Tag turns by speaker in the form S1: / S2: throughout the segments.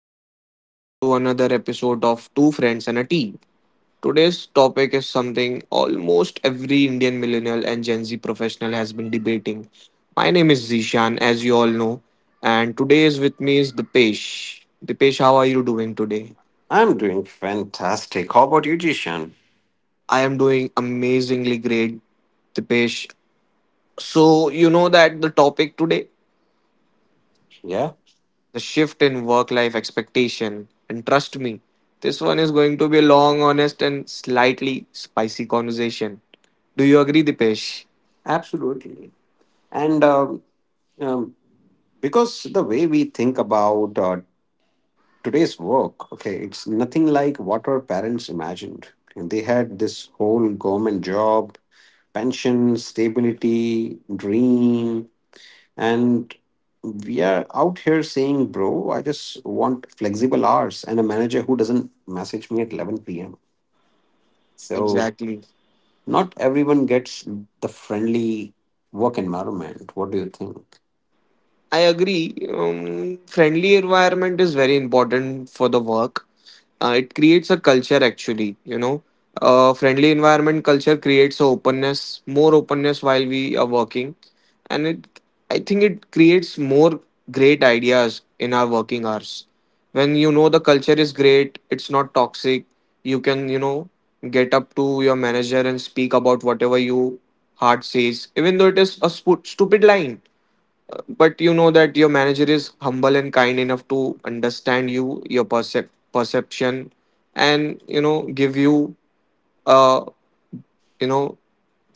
S1: back to another episode of Two Friends and a Tea. Today's topic is something almost every Indian millennial and Gen Z professional has been debating. My name is Zishan, as you all know, and today is with me is Dipesh. Dipesh, how are you doing today?
S2: I'm doing fantastic. How about you, Jishan?
S1: I am doing amazingly great, Dipesh. So, you know that the topic today?
S2: Yeah,
S1: The shift in work life expectation. And trust me, this one is going to be a long, honest, and slightly spicy conversation. Do you agree, Dipesh?
S2: absolutely. And um, because the way we think about today's work, okay, it's nothing like what our parents imagined. And they had this whole government job, pension, stability, dream, and we are out here saying, "Bro, I just want flexible hours and a manager who doesn't message me at 11 p.m." So
S1: Exactly.
S2: not everyone gets the friendly work environment. What do you think?
S1: I agree. Friendly environment is very important for the work. It creates a culture actually, a friendly environment culture creates a openness, more openness while we are working. And it I think it creates more great ideas in our working hours. When the culture is great, it's not toxic, you can, get up to your manager and speak about whatever you heart says, even though it is a stupid line. But you know that your manager is humble and kind enough to understand you, your perception, and give you a, you know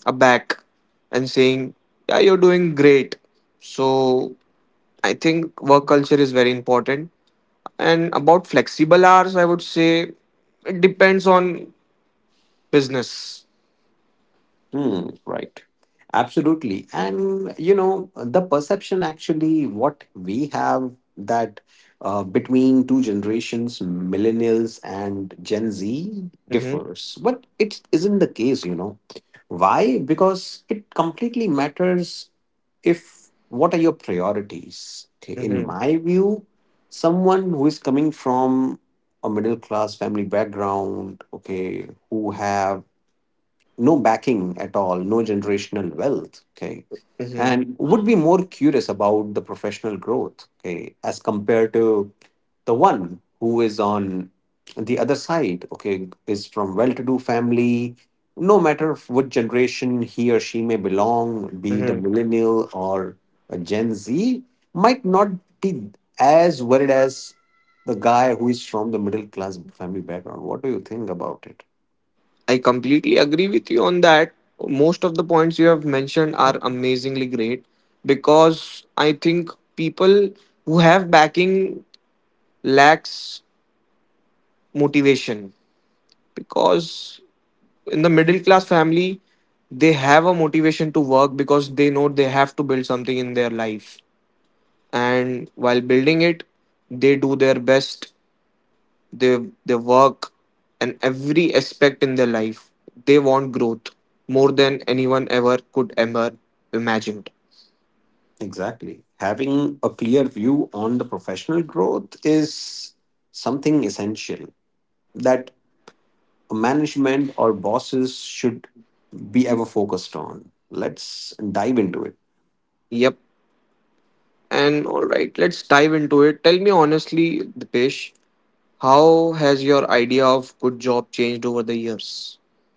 S1: a back, and saying, yeah, you're doing great. So I think work culture is very important. And about flexible hours, I would say it depends on business.
S2: Hmm, right. Absolutely. And, you know, the perception actually, what we have that between two generations, millennials and Gen Z,
S1: Mm-hmm.
S2: differs. But it isn't the case, you know. Why? Because it completely matters if what are your priorities. Okay. In
S1: Mm-hmm.
S2: my view, someone who is coming from a middle class family background, okay, who have no backing at all, no generational wealth. Okay.
S1: Mm-hmm.
S2: And would be more curious about the professional growth, okay, as compared to the one who is on the other side, okay, is from well to do family, no matter what generation he or she may belong, be it a
S1: Mm-hmm.
S2: millennial or a Gen Z, might not be as worried as the guy who is from the middle class family background. What do you think about it?
S1: I completely agree with you on that. Most of the points you have mentioned are amazingly great, because I think people who have backing lacks motivation, because in the middle class family they have a motivation to work because they know they have to build something in their life. And while building it, they do their best. They, work. And every aspect in their life, they want growth more than anyone ever could ever imagined.
S2: Exactly. Having a clear view on the professional growth is something essential that management or bosses should be ever focused on. Let's dive into it.
S1: Yep. And all right, let's dive into it. Tell me honestly, Dipesh, how has your idea of good job changed over the years?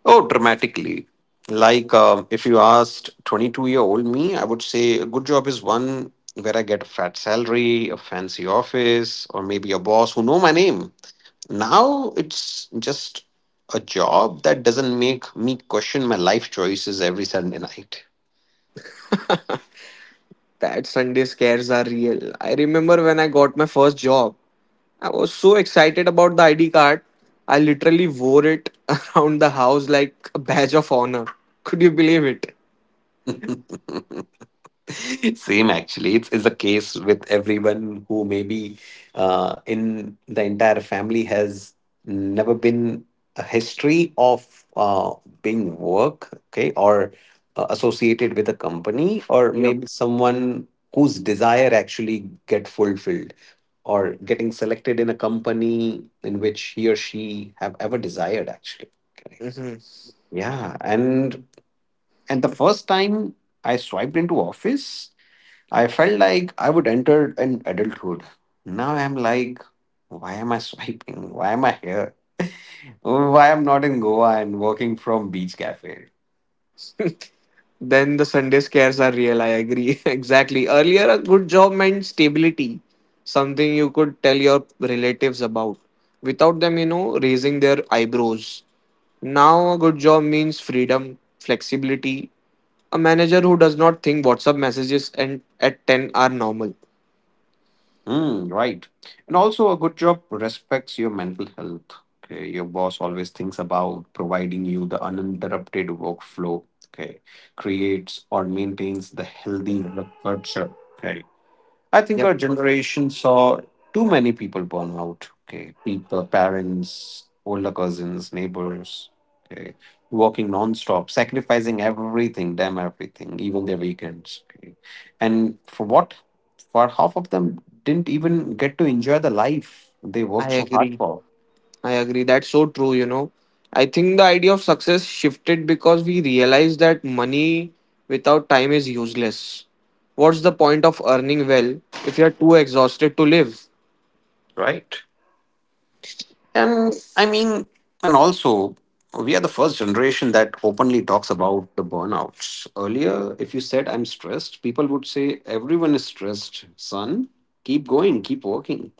S2: Oh, dramatically. Like if you asked 22-year-old me, I would say a good job is one where I get a fat salary, a fancy office, or maybe a boss who know my name. Now it's just a job that doesn't make me question my life choices every Sunday night.
S1: That Sunday scares are real. I remember when I got my first job, I was so excited about the ID card, I literally wore it around the house like a badge of honor. Could you believe it?
S2: Same actually. It's a case with everyone who maybe in the entire family has never been a history of being work, okay, or associated with a company, or maybe someone whose desire actually get fulfilled or getting selected in a company in which he or she have ever desired actually. Okay.
S1: Yep.
S2: Yeah, and the first time I swiped into office, I felt like I would enter an adulthood. Now I'm like, why am I swiping? Why am I here? Why I'm not in Goa and working from beach cafe?
S1: Then the Sunday scares are real, I agree. Exactly. Earlier, a good job meant stability, something you could tell your relatives about without them, you know, raising their eyebrows. Now, a good job means freedom, flexibility. A manager who does not think WhatsApp messages and at 10 are normal.
S2: Hmm, right. And also, a good job respects your mental health. Okay, your boss always thinks about providing you the uninterrupted workflow. Okay, creates or maintains the healthy work culture. Okay, I think
S1: Yep,
S2: our generation saw too many people burn out. Okay, people, parents, older cousins, neighbors, okay, working non-stop, sacrificing everything, damn everything, even their weekends. Okay, and for what? For half of them didn't even get to enjoy the life they
S1: I
S2: worked so hard
S1: agree.
S2: for.
S1: I agree. That's so true, you know. I think the idea of success shifted because we realized that money without time is useless. What's the point of earning well if you're too exhausted to live?
S2: Right. Um, I mean, and also, we are the first generation that openly talks about the burnouts. Earlier, if you said I'm stressed, people would say everyone is stressed, son. Keep going, keep working.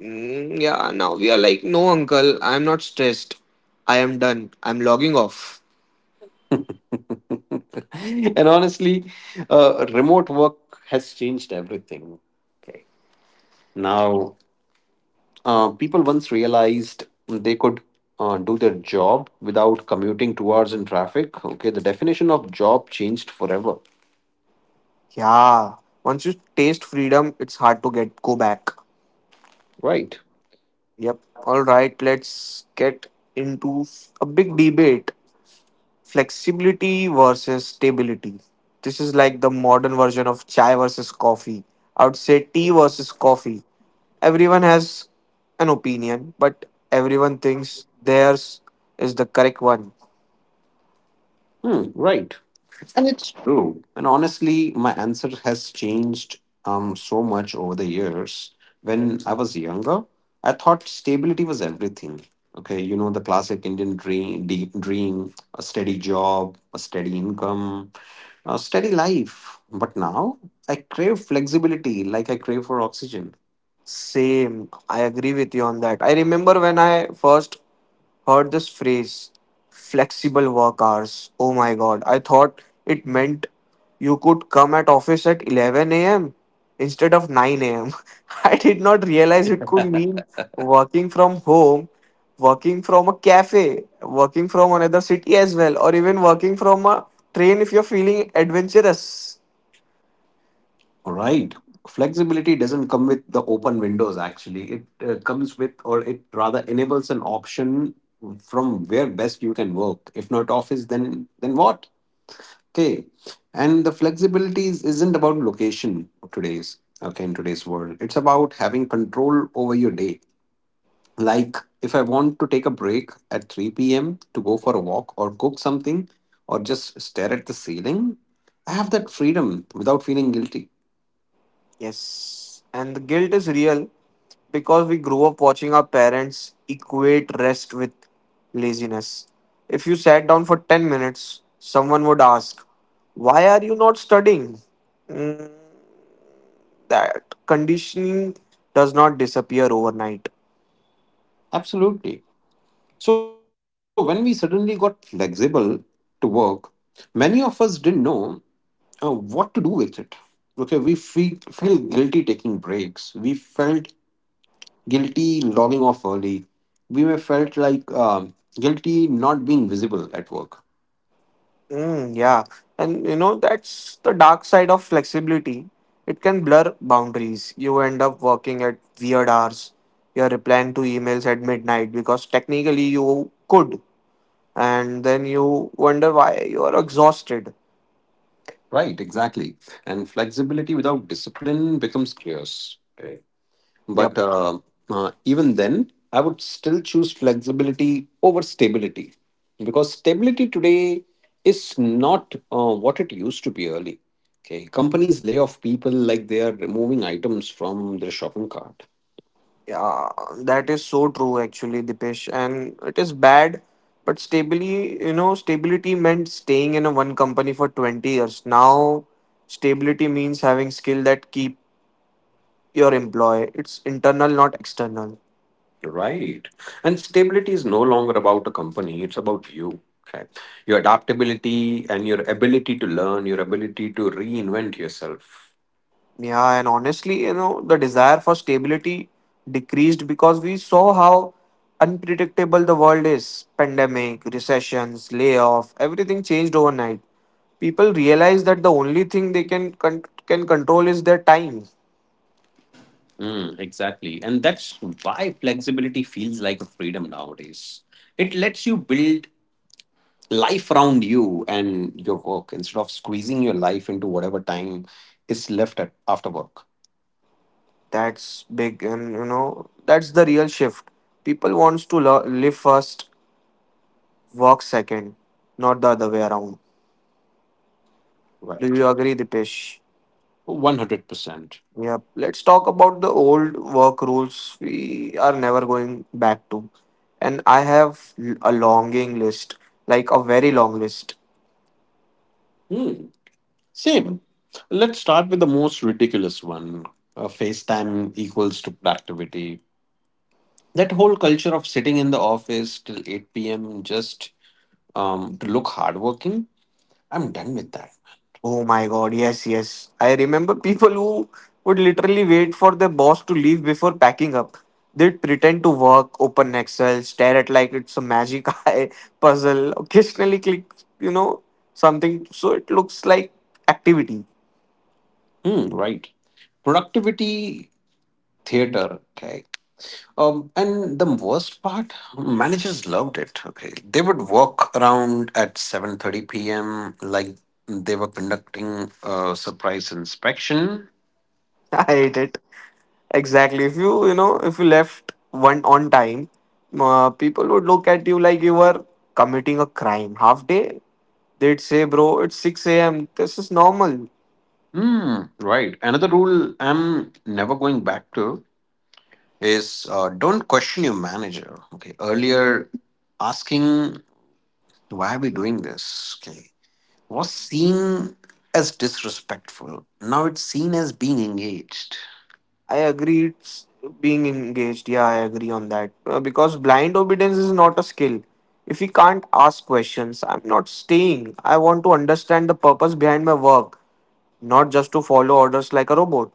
S1: Mm, yeah, now we are like, no, uncle, I'm not stressed. I am done. I'm logging off.
S2: And honestly, remote work has changed everything. Okay. Now, people once realized they could do their job without commuting 2 hours in traffic. Okay, the definition of job changed forever,
S1: Yeah, once you taste freedom, it's hard to get go back.
S2: right?
S1: Yep. All right, let's get into a big debate: flexibility versus stability. This is like the modern version of chai versus coffee. I would say tea versus coffee. Everyone has an opinion, but everyone thinks theirs is the correct one.
S2: Hmm, right. And it's true. And honestly, my answer has changed so much over the years. When I was younger, I thought stability was everything. Okay, you know the classic Indian dream, deep dream, a steady job, a steady income, a steady life. But now I crave flexibility, like I crave for oxygen.
S1: Same. I agree with you on that. I remember when I first heard this phrase, flexible work hours. Oh my god, I thought it meant you could come at office at 11 a.m. instead of 9 a.m. I did not realize it could mean working from home, working from a cafe, working from another city as well, or even working from a train if you're feeling adventurous.
S2: Right. Flexibility doesn't come with the open windows, actually. It comes with, or it rather enables an option from where best you can work. If not office, then what? Okay. And the flexibility isn't about location today's, okay, in today's world. It's about having control over your day. Like if I want to take a break at 3 p.m. to go for a walk or cook something or just stare at the ceiling, I have that freedom without feeling guilty.
S1: Yes, and the guilt is real because we grew up watching our parents equate rest with laziness. If you sat down for 10 minutes, someone would ask, why are you not studying? That conditioning does not disappear overnight.
S2: Absolutely. So, when we suddenly got flexible to work, many of us didn't know what to do with it. Okay, we feel guilty taking breaks. We felt guilty logging off early. We may felt like guilty not being visible at work.
S1: Mm, yeah, and you know, that's the dark side of flexibility. It can blur boundaries. You end up working at weird hours. You're replying to emails at midnight because technically you could, and then you wonder why you are exhausted.
S2: Right, exactly. And flexibility without discipline becomes chaos.
S1: Yep.
S2: But even then, I would still choose flexibility over stability because stability today is not what it used to be early. Okay, companies lay off people like they are removing items from their shopping cart.
S1: Yeah, that is so true actually, Dipesh. And it is bad, but stably, you know, stability meant staying in a one company for 20 years. Now, stability means having skill that keep your employee. It's internal, not external.
S2: Right. And stability is no longer about a company, it's about you. Okay. Your adaptability and your ability to learn, your ability to reinvent yourself.
S1: Yeah, and honestly, you know, the desire for stability decreased because we saw how unpredictable the world is. Pandemic, recessions, layoff, everything changed overnight. People realize that the only thing they can control is their time.
S2: Mm, exactly. And that's why flexibility feels like a freedom nowadays. It lets you build life around you and your work instead of squeezing your life into whatever time is left at, after work.
S1: That's big, and you know that's the real shift. People wants to live first, work second, not the other way around.
S2: Right.
S1: Do you agree, Dipesh?
S2: 100%.
S1: Yeah. Let's talk about the old work rules we are never going back to. And I have a longing list, like a very long list.
S2: Hmm. Same. Let's start with the most ridiculous one. FaceTime equals to productivity. That whole culture of sitting in the office till 8 p.m. just to look hardworking, I'm done with that.
S1: Oh my god, yes, yes. I remember people who would literally wait for their boss to leave before packing up. They'd pretend to work, open Excel, stare at like it's a magic eye puzzle, occasionally click, you know, something so it looks like activity.
S2: Hmm, right. Productivity theater. Okay. And the worst part, managers loved it. Okay. They would walk around at 7:30 p.m. like they were conducting a surprise inspection.
S1: I hate it. Exactly. If you, you know, if you left one on time, people would look at you like you were committing a crime. Half day, they'd say, bro, it's 6 a.m. This is normal.
S2: Hmm, right. Another rule I'm never going back to is don't question your manager. Okay. Earlier, asking why are we doing this? Okay. Was seen as disrespectful. Now it's seen as being engaged.
S1: I agree it's being engaged. Yeah, I agree on that. Because blind obedience is not a skill. If we can't ask questions, I'm not staying. I want to understand the purpose behind my work, not just to follow orders like a robot.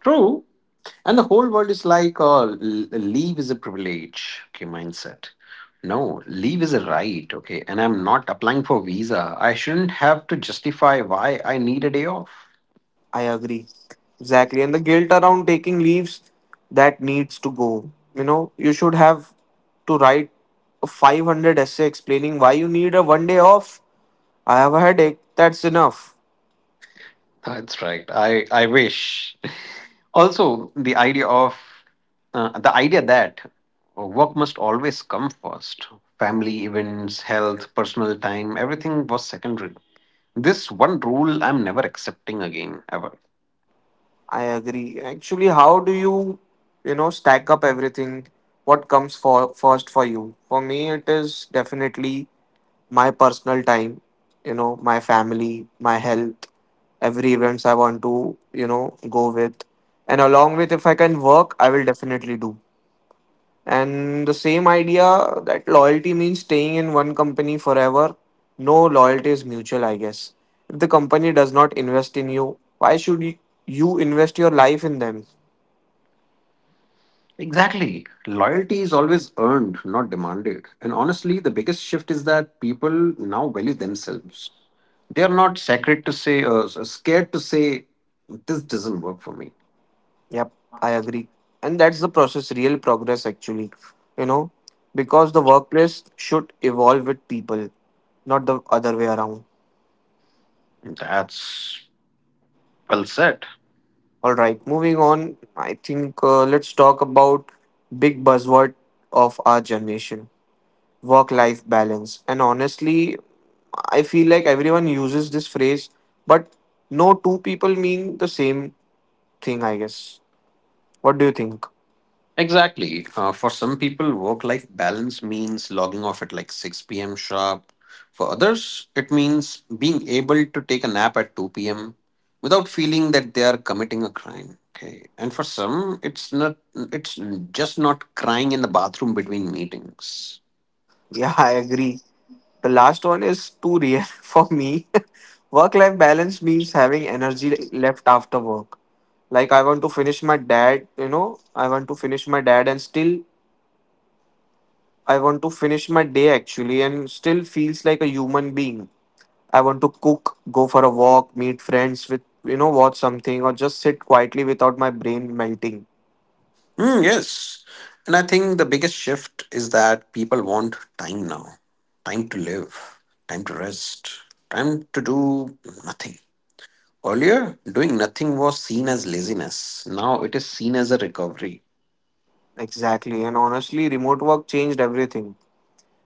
S2: True. And the whole world is like, oh, leave is a privilege, okay, mindset. No, leave is a right, okay. And I'm not applying for visa. I shouldn't have to justify why I need a day off.
S1: I agree. Exactly. And the guilt around taking leaves, that needs to go. You know, you should have to write a 500 essay explaining why you need a 1 day off. I have a headache. That's enough.
S2: That's right. I wish. Also, the idea that work must always come first. Family events, health, personal time, everything was secondary. This one rule I'm never accepting again, ever.
S1: I agree. Actually, how do you, you know, stack up everything? What comes for first for you? For me, it is definitely my personal time, you know, my family, my health, every events I want to, you know, go with. And along with if I can work, I will definitely do. And the same idea that loyalty means staying in one company forever. No, loyalty is mutual, I guess. If the company does not invest in you, why should you invest your life in them?
S2: Exactly. Loyalty is always earned, not demanded. And honestly, the biggest shift is that people now value themselves. They are not sacred to say, scared to say, this doesn't work for me.
S1: Yep, I agree. And that's the process, real progress, actually. You know, because the workplace should evolve with people, not the other way around.
S2: That's well said.
S1: All right, moving on. I think let's talk about big buzzword of our generation, work life balance. And honestly, I feel like everyone uses this phrase, but no two people mean the same thing, I guess. What do you think?
S2: Exactly. For some people, work life balance means logging off at like 6 p.m. sharp. For others, it means being able to take a nap at 2 p.m. without feeling that they are committing a crime. Okay. And for some, it's just not crying in the bathroom between meetings.
S1: Yeah, I agree. The last one is too real for me. Work life balance means having energy left after work. Like, I want to finish my dad, you know, I want to finish my day actually and still feels like a human being. I want to cook, go for a walk, meet friends with, you know, watch something or just sit quietly without my brain melting.
S2: Mm, yes. And I think the biggest shift is that people want time now, time to live, time to rest, time to do nothing. Earlier, doing nothing was seen as laziness. Now it is seen as a recovery.
S1: Exactly. And honestly, remote work changed everything.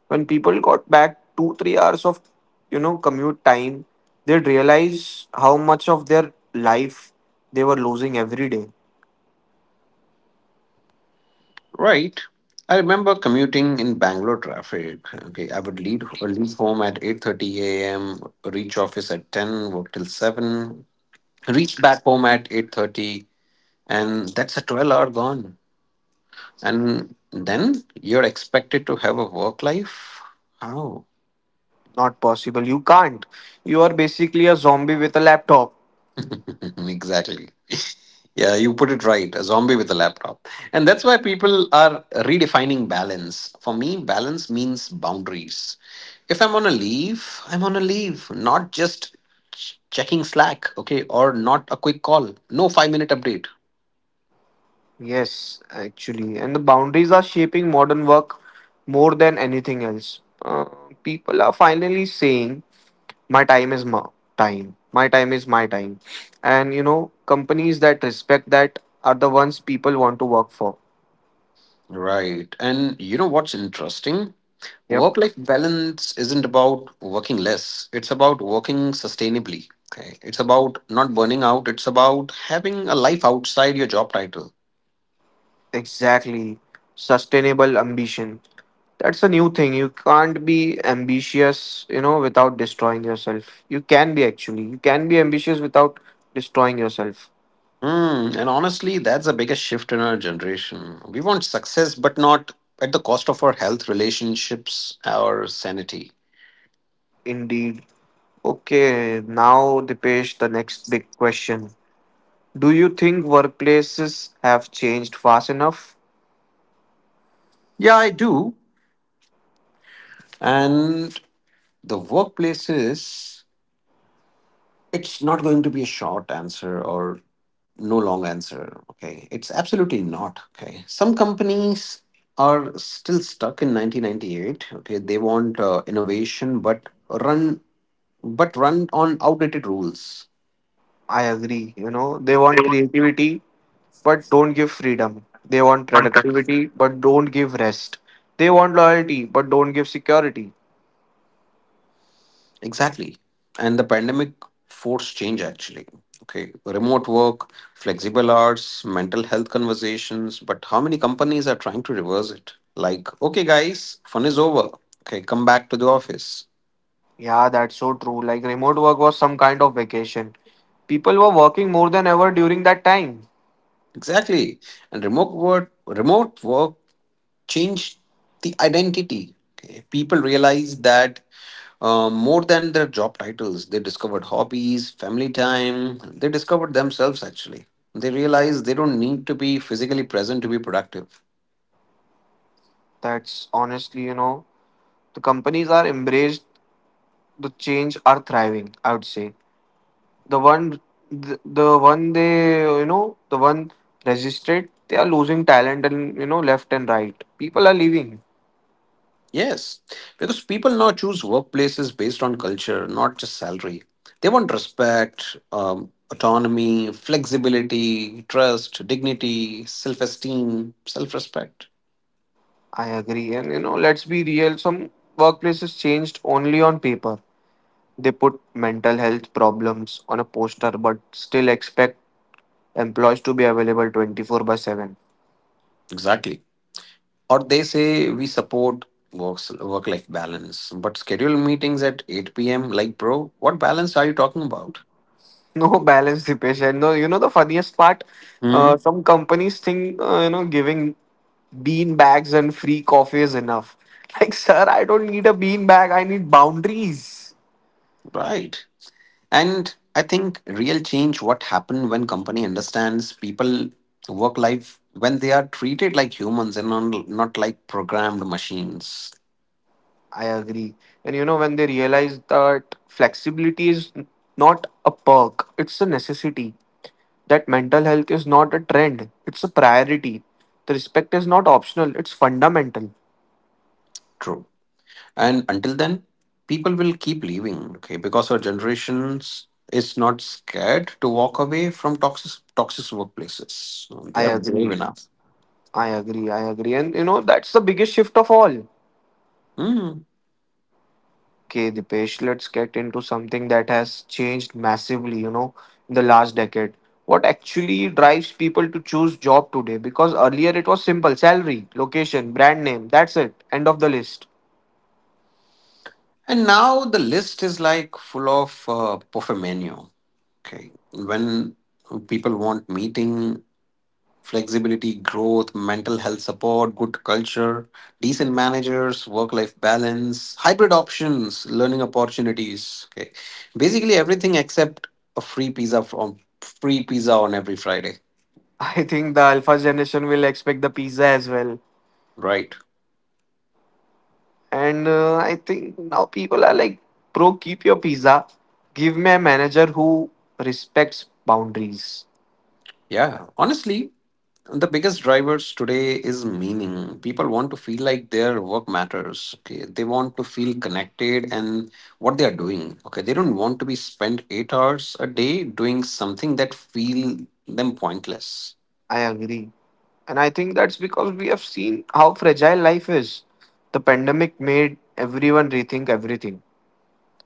S1: When people got back two, 3 hours of, you know, commute time, they'd realize how much of their life they were losing every day.
S2: Right. I remember commuting in Bangalore traffic. Okay, I would leave home at 8:30 a.m., reach office at 10, work till 7, reach back home at 8:30, and that's a 12-hour gone. And then you're expected to have a work life? How?
S1: Not possible. You can't. You are basically a zombie with a laptop.
S2: Exactly. Yeah, you put it right. A zombie with a laptop. And that's why people are redefining balance. For me, balance means boundaries. If I'm on a leave, I'm on a leave, not just checking Slack, okay, or not a quick call. No 5 minute update.
S1: Yes, actually. And the boundaries are shaping modern work more than anything else. People are finally saying, my time is my time. My time is my time. And, you know, companies that respect that are the ones people want to work for.
S2: Right. And you know what's interesting?
S1: Yep,
S2: Work life balance isn't about working less, it's about working sustainably. Okay. It's about not burning out, it's about having a life outside your job title.
S1: exactly. Sustainable ambition. That's a new thing. You can't be ambitious, you know, without destroying yourself. You can be actually. You can be ambitious without destroying yourself.
S2: Mm, and honestly, that's the biggest shift in our generation. We want success, but not at the cost of our health, relationships, our sanity.
S1: Indeed. Okay, now Dipesh, the next big question. Do you think workplaces have changed fast enough?
S2: Yeah, I do. And the workplaces, it's not going to be a short answer or no long answer. Okay. It's absolutely not. Okay. Some companies are still stuck in 1998. Okay. They want innovation, run, but run on outdated rules.
S1: I agree. You know, they want
S2: They
S1: creativity but don't give freedom. They want
S2: want
S1: productivity but don't give rest. They want loyalty but don't give security.
S2: exactly. And the pandemic forced change actually. Okay. Remote work, flexible hours, mental health conversations. But how many companies are trying to reverse it? Like, okay, guys, fun is over. Okay, come back to the office.
S1: Yeah, that's so true. Like remote work was some kind of vacation. People were working more than ever during that time.
S2: Exactly. And remote work changed the identity. Okay. People realize that more than their job titles, they discovered hobbies, family time. They discovered themselves actually. They realized they don't need to be physically present to be productive.
S1: That's honestly, you know, the companies are embraced the change are thriving, I would say. The one, the one they, you know, the one resisted, they are losing talent, and you know, left and right people are leaving.
S2: Yes, because people now choose workplaces based on culture, not just salary. They want respect, autonomy, flexibility, trust, dignity, self esteem, self respect.
S1: I agree. And you know, let's be real, some workplaces changed only on paper. They put mental health problems on a poster but still expect employees to be available 24 by 7.
S2: Exactly. Or they say we support work life balance but schedule meetings at 8 p.m. like bro what balance are you talking about?
S1: No balance the patient. No, you know, the funniest part,
S2: Hmm,
S1: some companies think you know, giving bean bags and free coffee is enough. Like, sir, I don't need a bean bag, I need boundaries.
S2: right. And I think real change what happen when company understands people work life, when they are treated like humans and not like programmed machines.
S1: I agree. And you know, when they realize that flexibility is not a perk, it's a necessity. That mental health is not a trend, it's a priority. The respect is not optional, it's fundamental.
S2: True. And until then people will keep leaving, okay, because our generations is not scared to walk away from toxic workplaces. So they
S1: I
S2: are brave
S1: agree.
S2: enough.
S1: I agree. And you know, that's the biggest shift of all.
S2: Hmm.
S1: Okay, Dipesh, let's get into something that has changed massively, you know, in the last decade. What actually drives people to choose job today? Because earlier it was simple salary, location, brand name, that's it, end of the list.
S2: And now the list is like full of buffet menu. Okay, when people want meeting flexibility, growth, mental health support, good culture, decent managers, work life balance, hybrid options, learning opportunities. Okay. Basically everything except a free pizza from free pizza on every Friday.
S1: I think the alpha generation will expect the pizza as well.
S2: Right.
S1: And I think now people are like, bro, keep your pizza. Give me a manager who respects boundaries.
S2: Yeah, honestly, the biggest drivers today is meaning. People want to feel like their work matters. Okay, they want to feel connected and what they are doing. Okay, they don't want to be spent 8 hours a day doing something that feel them pointless.
S1: I agree. And I think that's because we have seen how fragile life is. The pandemic made everyone rethink everything.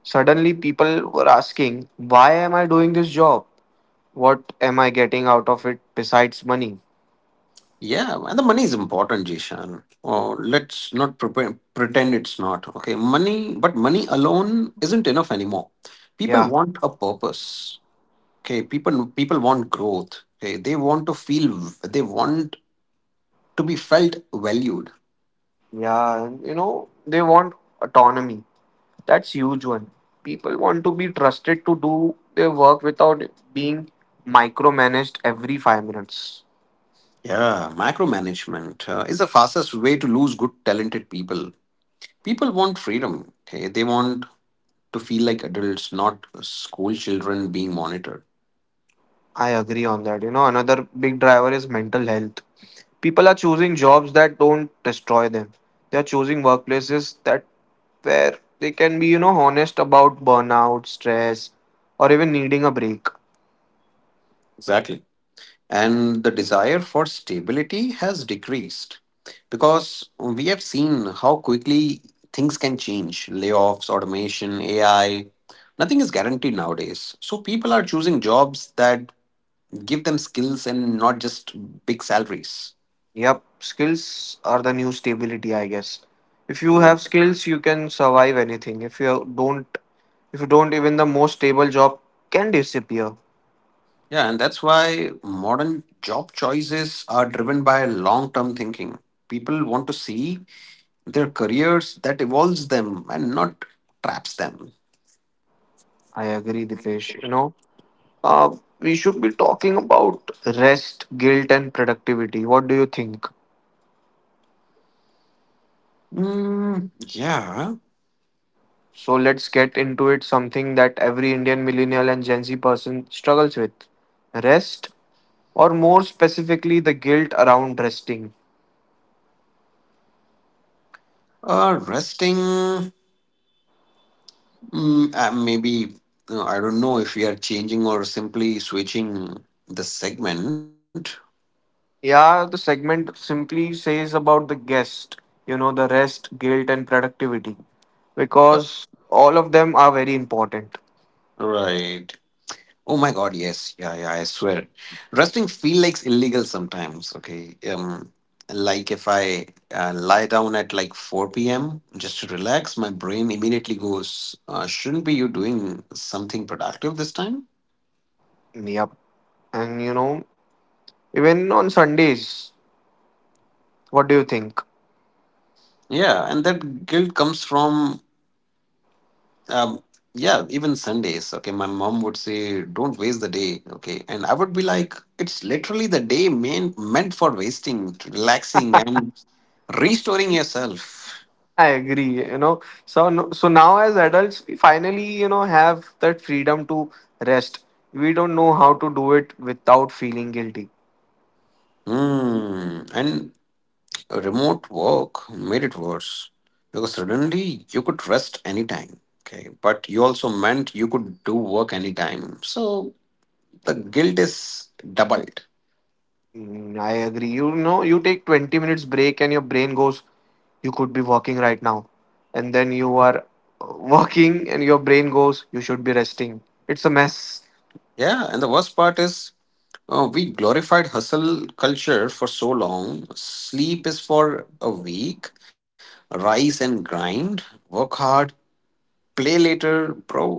S1: Suddenly, people were asking, why am I doing this job? What am I getting out of it besides money?
S2: Yeah, and the money is important, Jishan. Oh, let's not pretend it's not. Okay, money, but money alone isn't enough anymore. People
S1: Yeah,
S2: want a purpose. Okay, people want growth. Okay, they want to feel, they want to be felt valued.
S1: yeah. and You know, they want autonomy. That's huge one. People want to be trusted to do their work without being micromanaged every 5 minutes.
S2: Yeah, micromanagement is the fastest way to lose good, talented people. People want freedom. Okay, they want to feel like adults, not school children being monitored.
S1: I agree on that. You know, another big driver is mental health. People are choosing jobs that don't destroy them. They are choosing workplaces that where they can be, you know, honest about burnout, stress, or even needing a break.
S2: Exactly. And the desire for stability has decreased because we have seen how quickly things can change: layoffs, automation, AI. Nothing is guaranteed nowadays. So people are choosing jobs that give them skills and not just big salaries.
S1: Yep, skills are the new stability, I guess. If you
S2: Yeah.
S1: have skills, you can survive anything. If you don't, even the most stable job can disappear.
S2: Yeah, and that's why modern job choices are driven by long term thinking. People want to see their careers that evolves them and not traps them.
S1: I agree, Dipesh. You know, Uh, we should be talking about rest, guilt, and productivity. What do you think?
S2: Mm, yeah,
S1: So let's get into it. Something that every Indian millennial and Gen Z person struggles with rest, or more specifically, the guilt around resting.
S2: resting, maybe, I don't know if we are changing or simply switching the segment.
S1: Yeah, the segment simply says about the guest, you know, the rest, guilt, and productivity,
S2: Uh,
S1: because all of them are very important.
S2: Right. Oh my God, yes. Yeah, yeah, I swear. Resting feel like illegal sometimes, okay? Like if I lie down at like 4 p.m. just to relax, my brain immediately goes, shouldn't be you doing something productive this time?
S1: Yep. And you know, even on Sundays, what do you think?
S2: Yeah, and that guilt comes from, um, yeah, even Sundays, okay? My mom would say, don't waste the day, okay? And I would be like, it's literally the day meant for wasting, relaxing, and restoring yourself.
S1: I agree, you know. So no- so now as adults, we finally, you know, have that freedom to rest. We don't know how to do it without feeling guilty.
S2: Hmm, and remote work made it worse because suddenly you could rest anytime. Okay, but you also meant you could do work anytime. So the guilt is doubled.
S1: I agree. You know, you take 20 minutes break and your brain goes, you could be walking right now. And then you are walking and your brain goes, you should be resting. It's a mess.
S2: Yeah, and the worst part is we glorified hustle culture for so long. Sleep is for a week, rise and grind, work hard, play later, bro.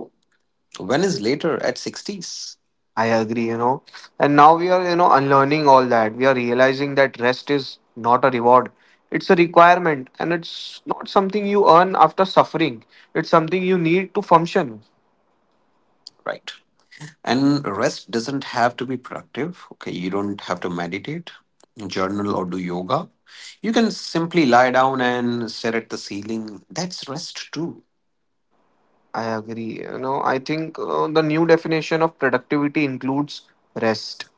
S2: When is later, at 60s?
S1: I agree, you know. And now we are, you know, unlearning all that. We are realizing that rest is not a reward. It's a requirement and it's not something you earn after suffering. It's something you need to function.
S2: Right. And rest doesn't have to be productive. Okay, you don't have to meditate, journal, or do yoga. You can simply lie down and stare at the ceiling. That's rest too.
S1: I agree. You know, I think the new definition of productivity includes rest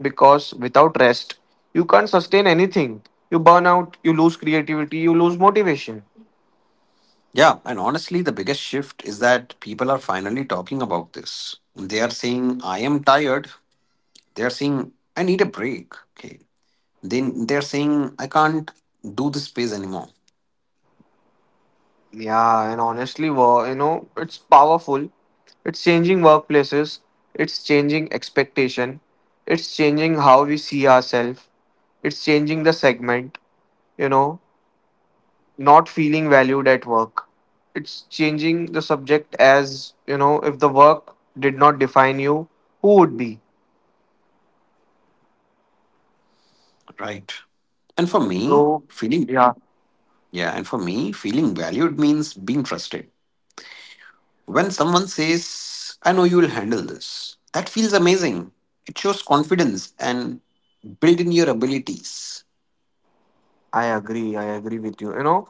S1: because without rest, you can't sustain anything. You burn out, you lose creativity, you lose motivation.
S2: Yeah, and honestly, the biggest shift is that people are finally talking about this. They are saying, I am tired. They are saying, I need a break. Okay. Then they're saying, I can't do this space anymore.
S1: Yeah, and honestly, you know, it's powerful. It's changing workplaces, it's changing expectation, it's changing how we see ourselves, it's changing the segment, you know, not feeling valued at work. It's changing the subject as, you know, if the work did not define you, who would be?
S2: Right. And for me,
S1: So,
S2: feeling,
S1: yeah,
S2: yeah, and for me, feeling valued means being trusted. When someone says, I know you'll handle this, that feels amazing. It shows confidence and build in your abilities.
S1: I agree with you. You know,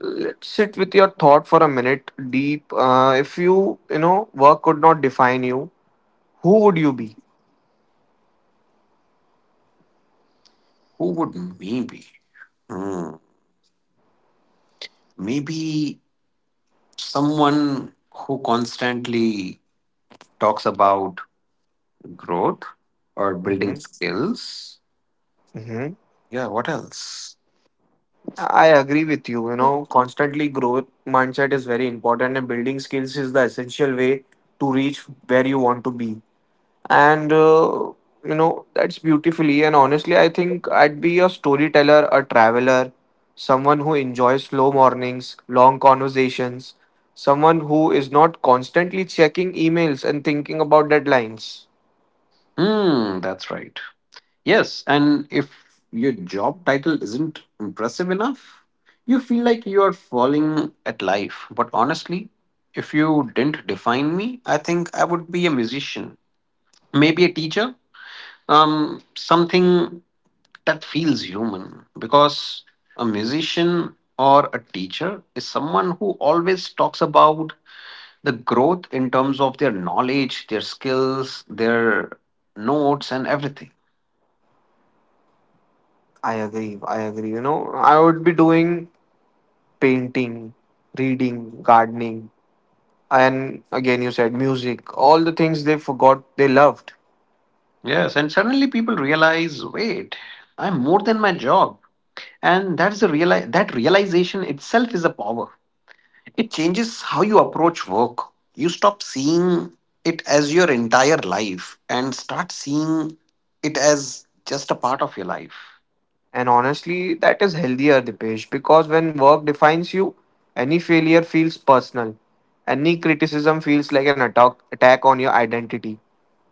S1: let's sit with your thought for a minute deep. If you, you know, work could not define you, who would you be?
S2: Who would maybe? Hmm. Maybe someone who constantly talks about growth or building
S1: hmm
S2: skills.
S1: hmm.
S2: Yeah, what else?
S1: I agree with you. You know, constantly growth mindset is very important, and building skills is the essential way to reach where you want to be. And you know, that's beautifully and honestly, I think I'd be a storyteller, a traveler, someone who enjoys slow mornings, long conversations, someone who is not constantly checking emails and thinking about deadlines.
S2: Hmm, that's right. Yes, and if your job title isn't impressive enough, you feel like you are falling at life. But honestly, if you didn't define me, I think I would be a musician, maybe a teacher, something that feels human. Because a musician or a teacher is someone who always talks about the growth in terms of their knowledge, their skills, their notes, and everything.
S1: I agree. You know, I would be doing painting, reading, gardening, and again, you said music, all the things they forgot they loved.
S2: Yes, and suddenly people realize, wait, I'm more than my job. And that's the that realization itself is a power. It changes how you approach work. You stop seeing it as your entire life and start seeing it as just a part of your life.
S1: And honestly, that is healthier, Dipesh, because when work defines you, any failure feels personal. Any criticism feels like an attack on your identity.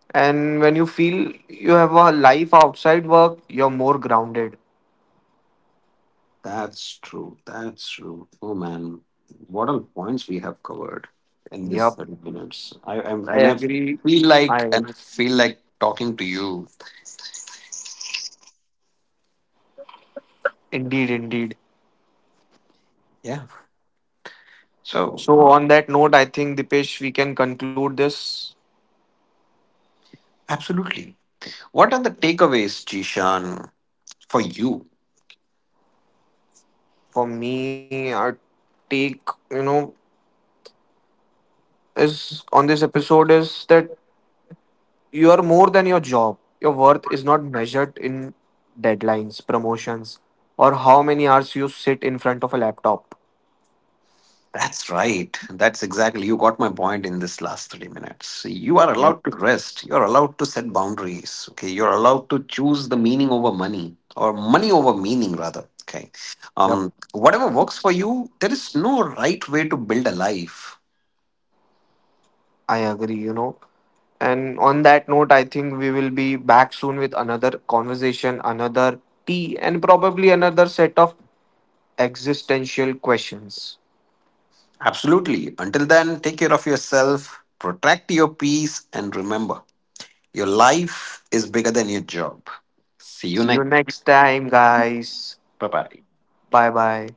S1: And when you feel you have a life outside work, you're more grounded.
S2: That's true. That's true. Oh man, what all points we have covered in this
S1: Yep,
S2: 30 minutes. I, I'm,
S1: I
S2: and I
S1: agree.
S2: feel like
S1: I
S2: talking to you.
S1: indeed.
S2: Yeah. So
S1: So, on that note, I think Dipesh, we can conclude this.
S2: absolutely. What are the takeaways, Jishan, for you?
S1: For me, our take, you know, is on this episode is that you are more than your job. Your worth is not measured in deadlines, promotions, or how many hours you sit in front of a laptop.
S2: That's right. That's exactly you got my point in this last 30 minutes. You are
S1: Yep.
S2: allowed to rest. You're allowed to set boundaries. Okay. You're allowed to choose the meaning over money or money over meaning rather. Okay.
S1: Yep.
S2: Whatever works for you, there is no right way to build a life.
S1: I agree, you know. And on that note, I think we will be back soon with another conversation, another tea, and probably another set of existential questions.
S2: Absolutely. Until then, take care of yourself, protect your peace, and remember, your life is bigger than your job. See you
S1: See you
S2: next.
S1: next time, guys.
S2: Bye bye.
S1: Bye bye.